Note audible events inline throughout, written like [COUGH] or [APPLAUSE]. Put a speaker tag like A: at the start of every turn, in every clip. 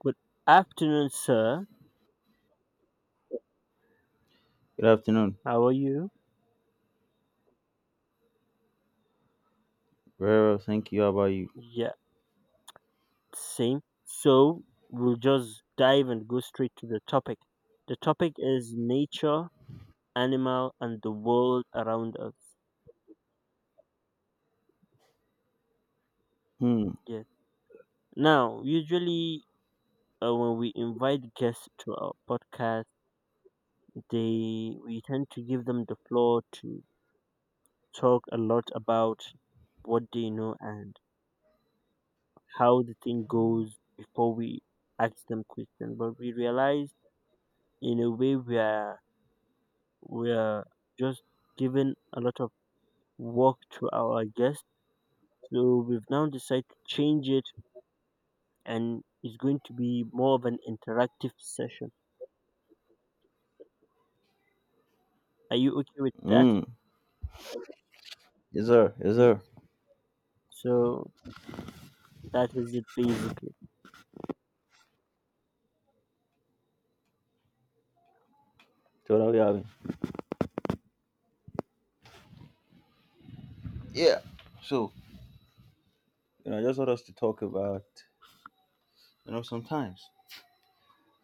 A: Good afternoon, sir.
B: Good afternoon.
A: How are you?
B: Very well, thank you. How about you?
A: Yeah, same. So we'll just dive and go straight to the topic. The topic is nature, animal, and the world around us.
B: Hmm.
A: Yeah. Now, usually when we invite guests to our podcast, they we tend to give them the floor to talk a lot about what they know and how the thing goes before we ask them questions. But we realize in a way we are just giving a lot of work to our guests. So we've now decided to change it and it's going to be more of an interactive session. Are you okay with that?
B: Hmm. Yes, sir. Yes, sir.
A: Yes. So that is it basically.
B: Totally having. Yeah. So, I just want us to talk about, sometimes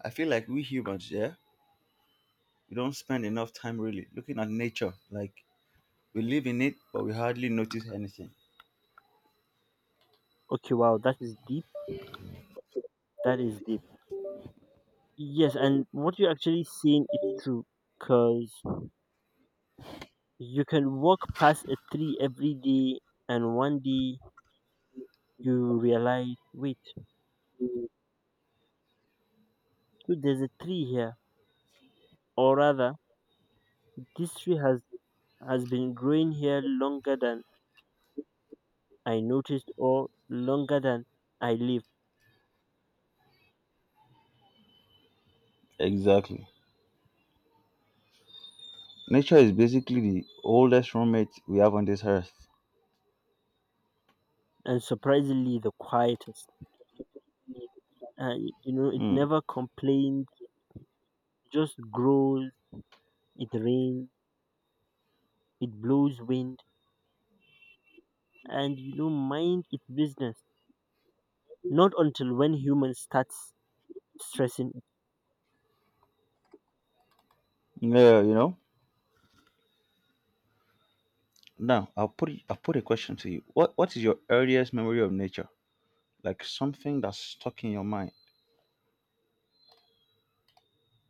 B: I feel like we humans, yeah, we don't spend enough time really looking at nature. Like, we live in it, but we hardly notice anything.
A: Okay, wow, that is deep. That is deep. Yes, and what you're actually seeing is true because you can walk past a tree every day and one day you realize, wait, so there's a tree here. Or rather, this tree has been growing here longer than I noticed or longer than I lived,
B: Exactly. Nature is basically the oldest roommate we have on this earth.
A: and surprisingly, the quietest. It
B: Hmm.
A: never complains, just grows, it rains, it blows wind, and mind its business. Not until when humans start stressing it.
B: Yeah, you know. Now, I'll put a question to you. What is your earliest memory of nature? Like something that's stuck in your mind.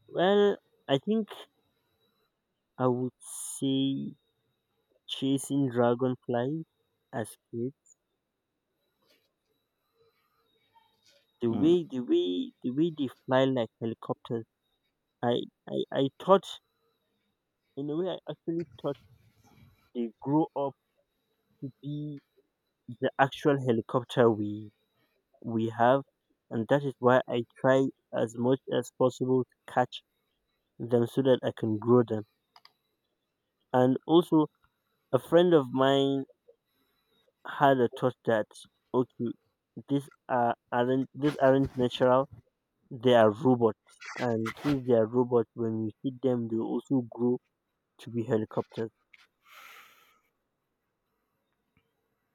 A: Well, I think I would say chasing dragonflies as kids. The
B: Mm.
A: way, the way, the way they fly like helicopters. I, I thought in a way I actually thought they grow up to be the actual helicopter we have, and that is why I try as much as possible to catch them so that I can grow them. And also a friend of mine had a thought that okay, these aren't natural, they are robots. And since they are robots, when you feed them they also grow to be helicopters.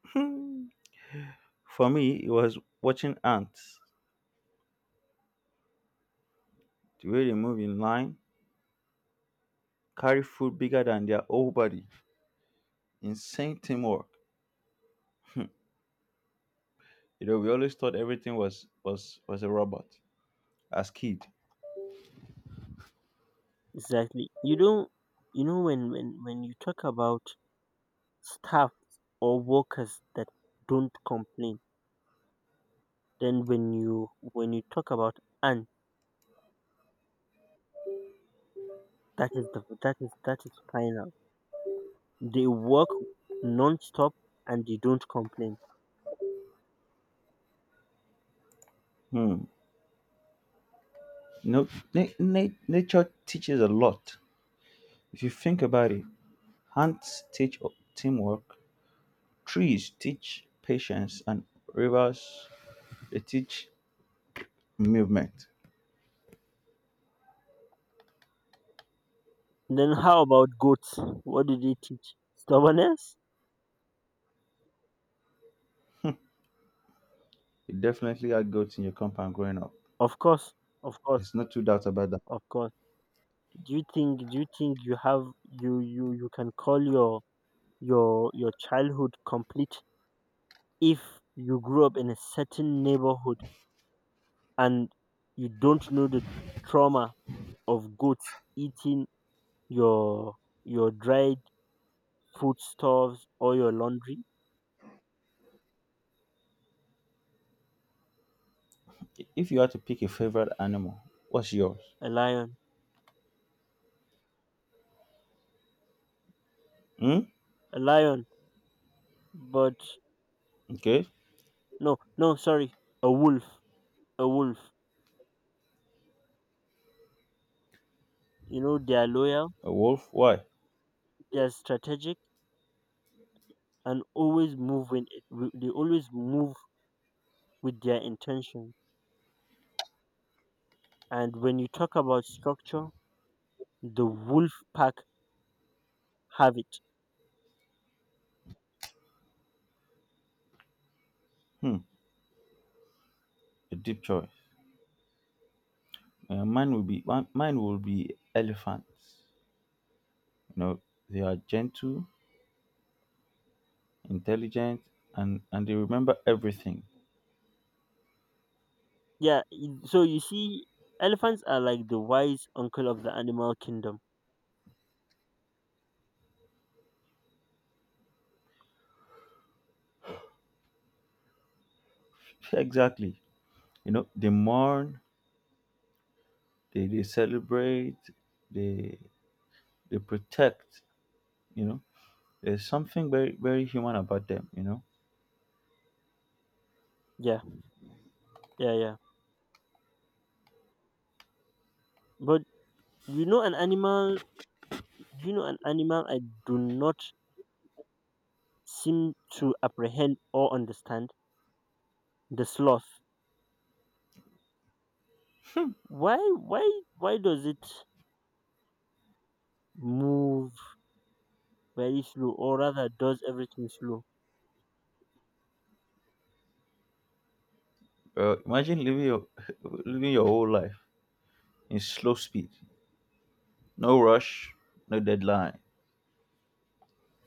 B: [LAUGHS] For me, it was watching ants, the way they move in line, carry food bigger than their whole body. Insane teamwork. You know, we always thought everything was a robot as kid.
A: Exactly. You don't You know when you talk about staff or workers that don't complain. Then when you talk about ant, that is the that is final. They work non-stop, and they don't complain.
B: Hmm. No, know, na- na- Nature teaches a lot. If you think about it, ants teach teamwork, trees teach patience, and rivers they teach movement.
A: Then how about goats? What do they teach? Stubbornness.
B: You definitely had goats in your compound growing up.
A: Of course, of course,
B: There's no two doubts about that.
A: of course. Do you think you can call your your childhood complete if you grew up in a certain neighborhood and you don't know the trauma of goats eating your dried foodstuffs or your laundry?
B: If you had to pick a favorite animal, what's yours?
A: A lion.
B: Hmm?
A: A lion. But
B: Okay.
A: no, no, sorry. A wolf. A wolf. You know they are loyal,
B: A wolf? Why?
A: they are strategic, and always move they always move with their intention. And when you talk about structure, the wolf pack have it.
B: Hmm. A deep choice. Mine will be elephants. You know, they are gentle, intelligent, and they remember everything.
A: Yeah. So you see, elephants are like the wise uncle of the animal kingdom.
B: [LAUGHS] Exactly. You know, they mourn, they celebrate, they they protect. You know, there's something very human about them. You know,
A: Yeah. Yeah. Yeah. But You know an animal you know an animal I do not seem to apprehend or understand? The sloth. Why why why does it move very slow, or rather does everything slow?
B: imagine living your [LAUGHS] living your whole life in slow speed. No rush, no deadline.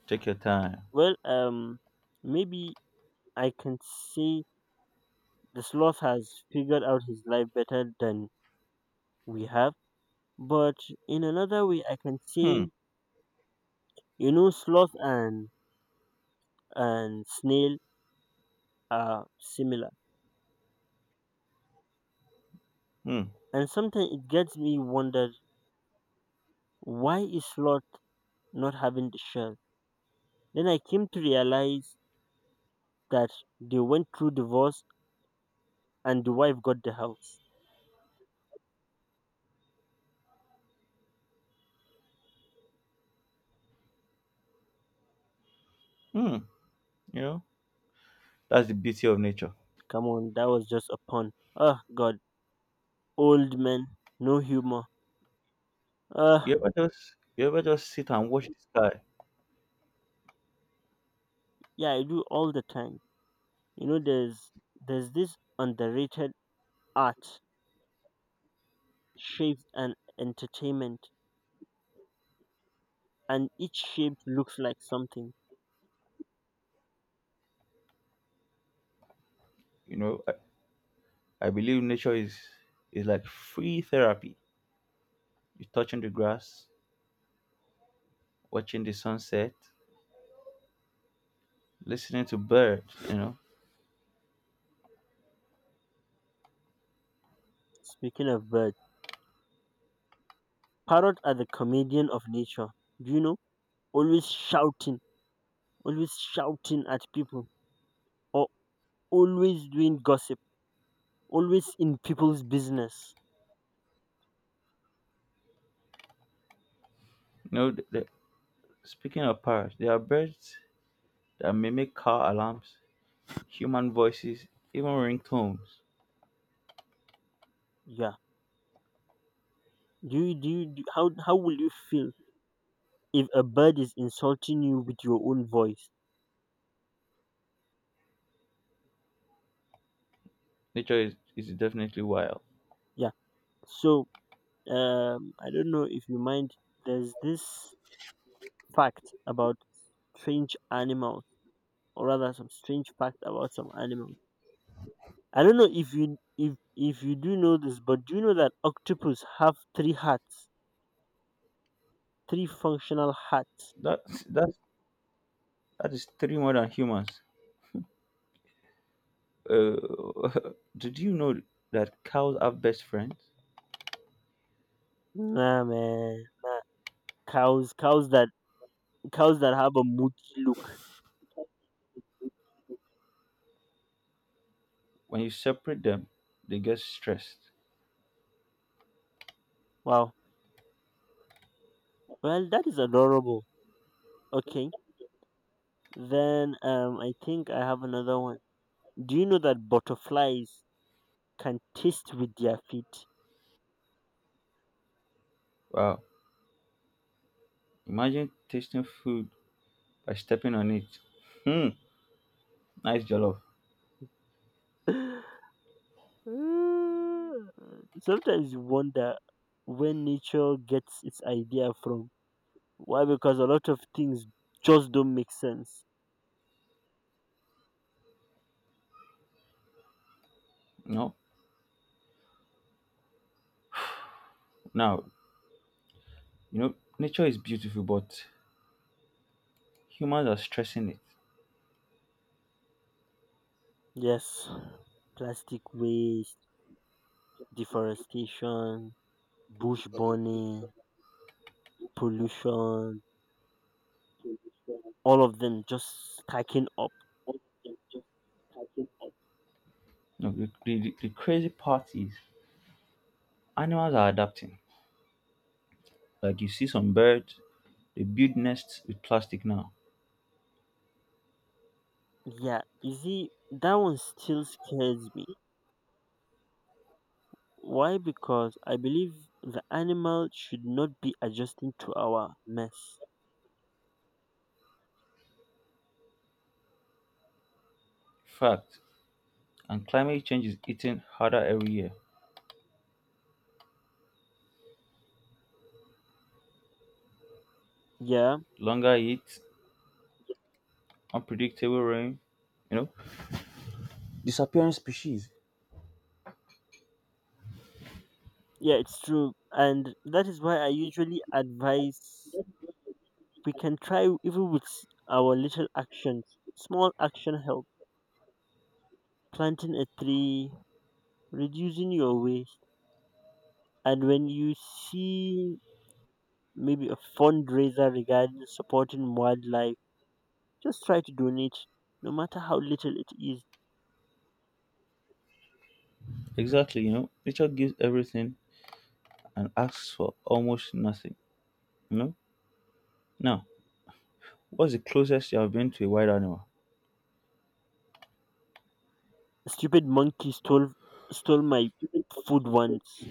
B: Take your time.
A: Well maybe I can say the sloth has figured out his life better than we have. But in another way I can
B: Hmm,
A: say sloth and snail are similar.
B: hmm,
A: And sometimes it gets me wonder, why is Lot not having the shell? Then I came to realize that they went through divorce and the wife got the house.
B: hmm. You know, that's the beauty of nature.
A: Come on, that was just a pun. Oh god, old men, no humor. Uh
B: You ever just sit and watch the sky?
A: yeah, I do all the time. You know there's this underrated art, shapes and entertainment, and each shape looks like something.
B: You know, I believe nature is like free therapy. You're touching the grass, watching the sunset, listening to birds. You know,
A: Speaking of birds, parrot are the comedian of nature. Do you know? Always shouting, always shouting at people, or always doing gossip, always in people's business.
B: you know. The, the, speaking of parrots, there are birds that mimic car alarms, human voices, even ringtones.
A: Yeah. Do you, do you, do, how will you feel if a bird is insulting you with your own voice?
B: Is definitely wild.
A: Yeah. So, I don't know if you mind, there's this fact about strange animals, or rather some strange fact about some animals. I don't know if you do know this, but do you know that octopus have three hearts, three functional hearts?
B: That's that's That is three more than humans. Uh, [LAUGHS] did you know that cows have best friends?
A: Nah, man. Cows, cows that Cows that have a moody look.
B: When you separate them, they get stressed.
A: Wow. Well, that is adorable. Okay. Then I think I have another one. Do you know that butterflies can taste with their feet?
B: Wow. Imagine tasting food by stepping on it. Hmm. Nice jollof.
A: [LAUGHS] Mm, Sometimes you wonder where nature gets its idea from. Why? Because a lot of things just don't make sense.
B: No. Now, you know, nature is beautiful, but humans are stressing it.
A: Yes, plastic waste, deforestation, bush burning, pollution, all of them just stacking up.
B: No, the crazy part is animals are adapting. Like you see some birds, they build nests with plastic now.
A: Yeah, you see, that one still scares me. Why? Because I believe the animal should not be adjusting to our mess.
B: Fact. And climate change is eating harder every year.
A: Yeah,
B: Longer heat, unpredictable rain, you know. Disappearing species.
A: yeah, it's true. And that is why I usually advise we can try, even with our little actions. Small action help. Planting a tree, reducing your waste. And when you see maybe a fundraiser regarding supporting wildlife, just try to donate, no matter how little it is.
B: Exactly, you know, nature gives everything and asks for almost nothing, you know. Now, what's the closest you have been to a wild animal?
A: A stupid monkey stole my food once,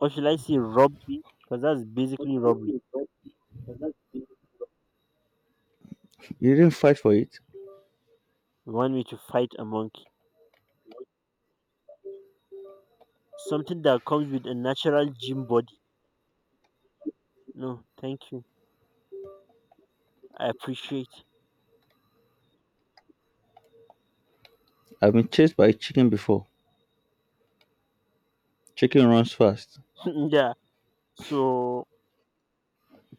A: or should I say robbed me? Because that's basically robbery.
B: You didn't fight for it.
A: You want me to fight a monkey? Something that comes with a natural gym body. No, thank you. I appreciate.
B: I've been chased by a chicken before. Chicken runs fast.
A: [LAUGHS] Yeah. So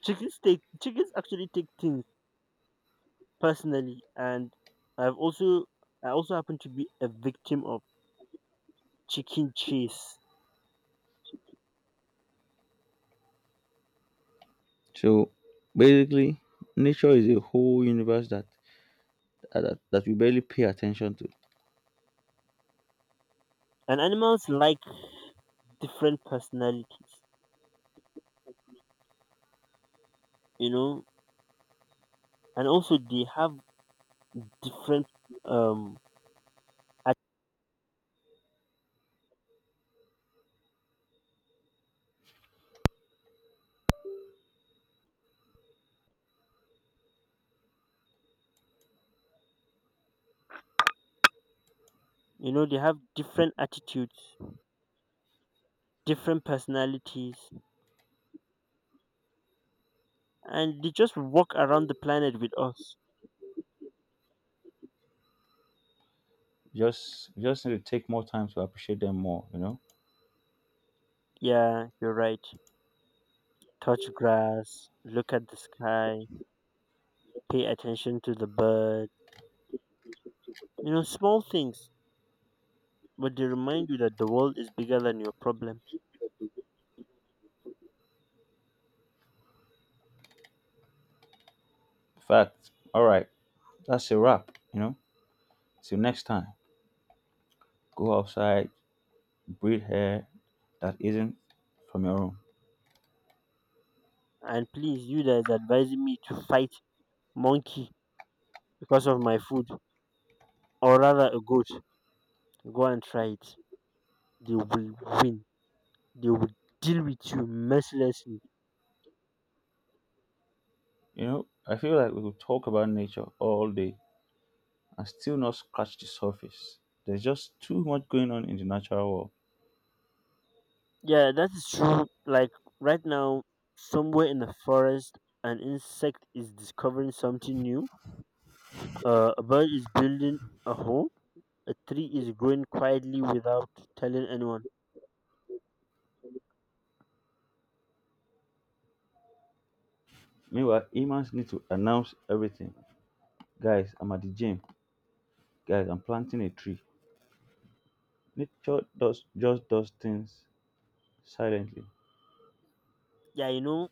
A: chickens actually take things personally, and I've also I also happen to be a victim of chicken chase.
B: So basically, nature is a whole universe that we barely pay attention to.
A: And animals like different personalities. You know, and also they have different um at, they have different attitudes, different personalities, and they just walk around the planet with us.
B: Just we just need to take more time to appreciate them more, you know.
A: Yeah, you're right. Touch grass, look at the sky, pay attention to the bird, small things, but they remind you that the world is bigger than your problem.
B: Fact. All right, that's a wrap, you know. Till next time. Go outside, breathe air that isn't from your own.
A: And please, you that is advising me to fight monkey because of my food, or rather a goat, go and try it. They will win. They would deal with you mercilessly.
B: You know, I feel like we could talk about nature all day and still not scratch the surface. There's just too much going on in the natural world.
A: Yeah, that is true. Like right now, somewhere in the forest, an insect is discovering something new. A bird is building a home. A tree is growing quietly without telling anyone.
B: Meanwhile, humans need to announce everything. Guys, I'm at the gym. Guys, I'm planting a tree. Nature does just does things silently.
A: Yeah,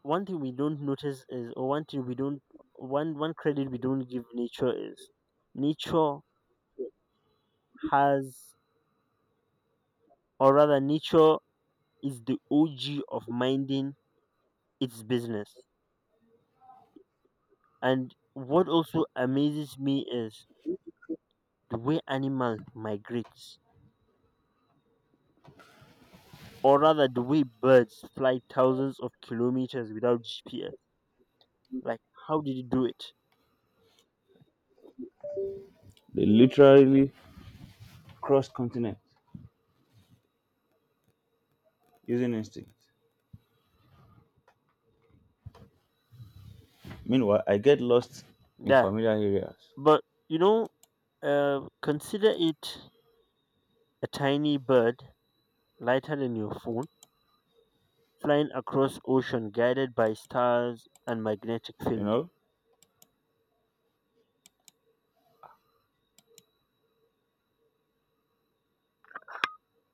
A: one thing we don't notice is, or one thing we don't, one credit we don't give nature is, nature has, or rather, nature is the OG of minding its business. And what also amazes me is the way animals migrate, or rather, the way birds fly thousands of kilometers without GPS. Like, how did you do it?
B: They literally cross continents using instinct. Meanwhile, I get lost in
A: Yeah,
B: familiar areas.
A: but you know, consider it, a tiny bird lighter than your phone, flying across ocean guided by stars and magnetic
B: You
A: field.
B: know,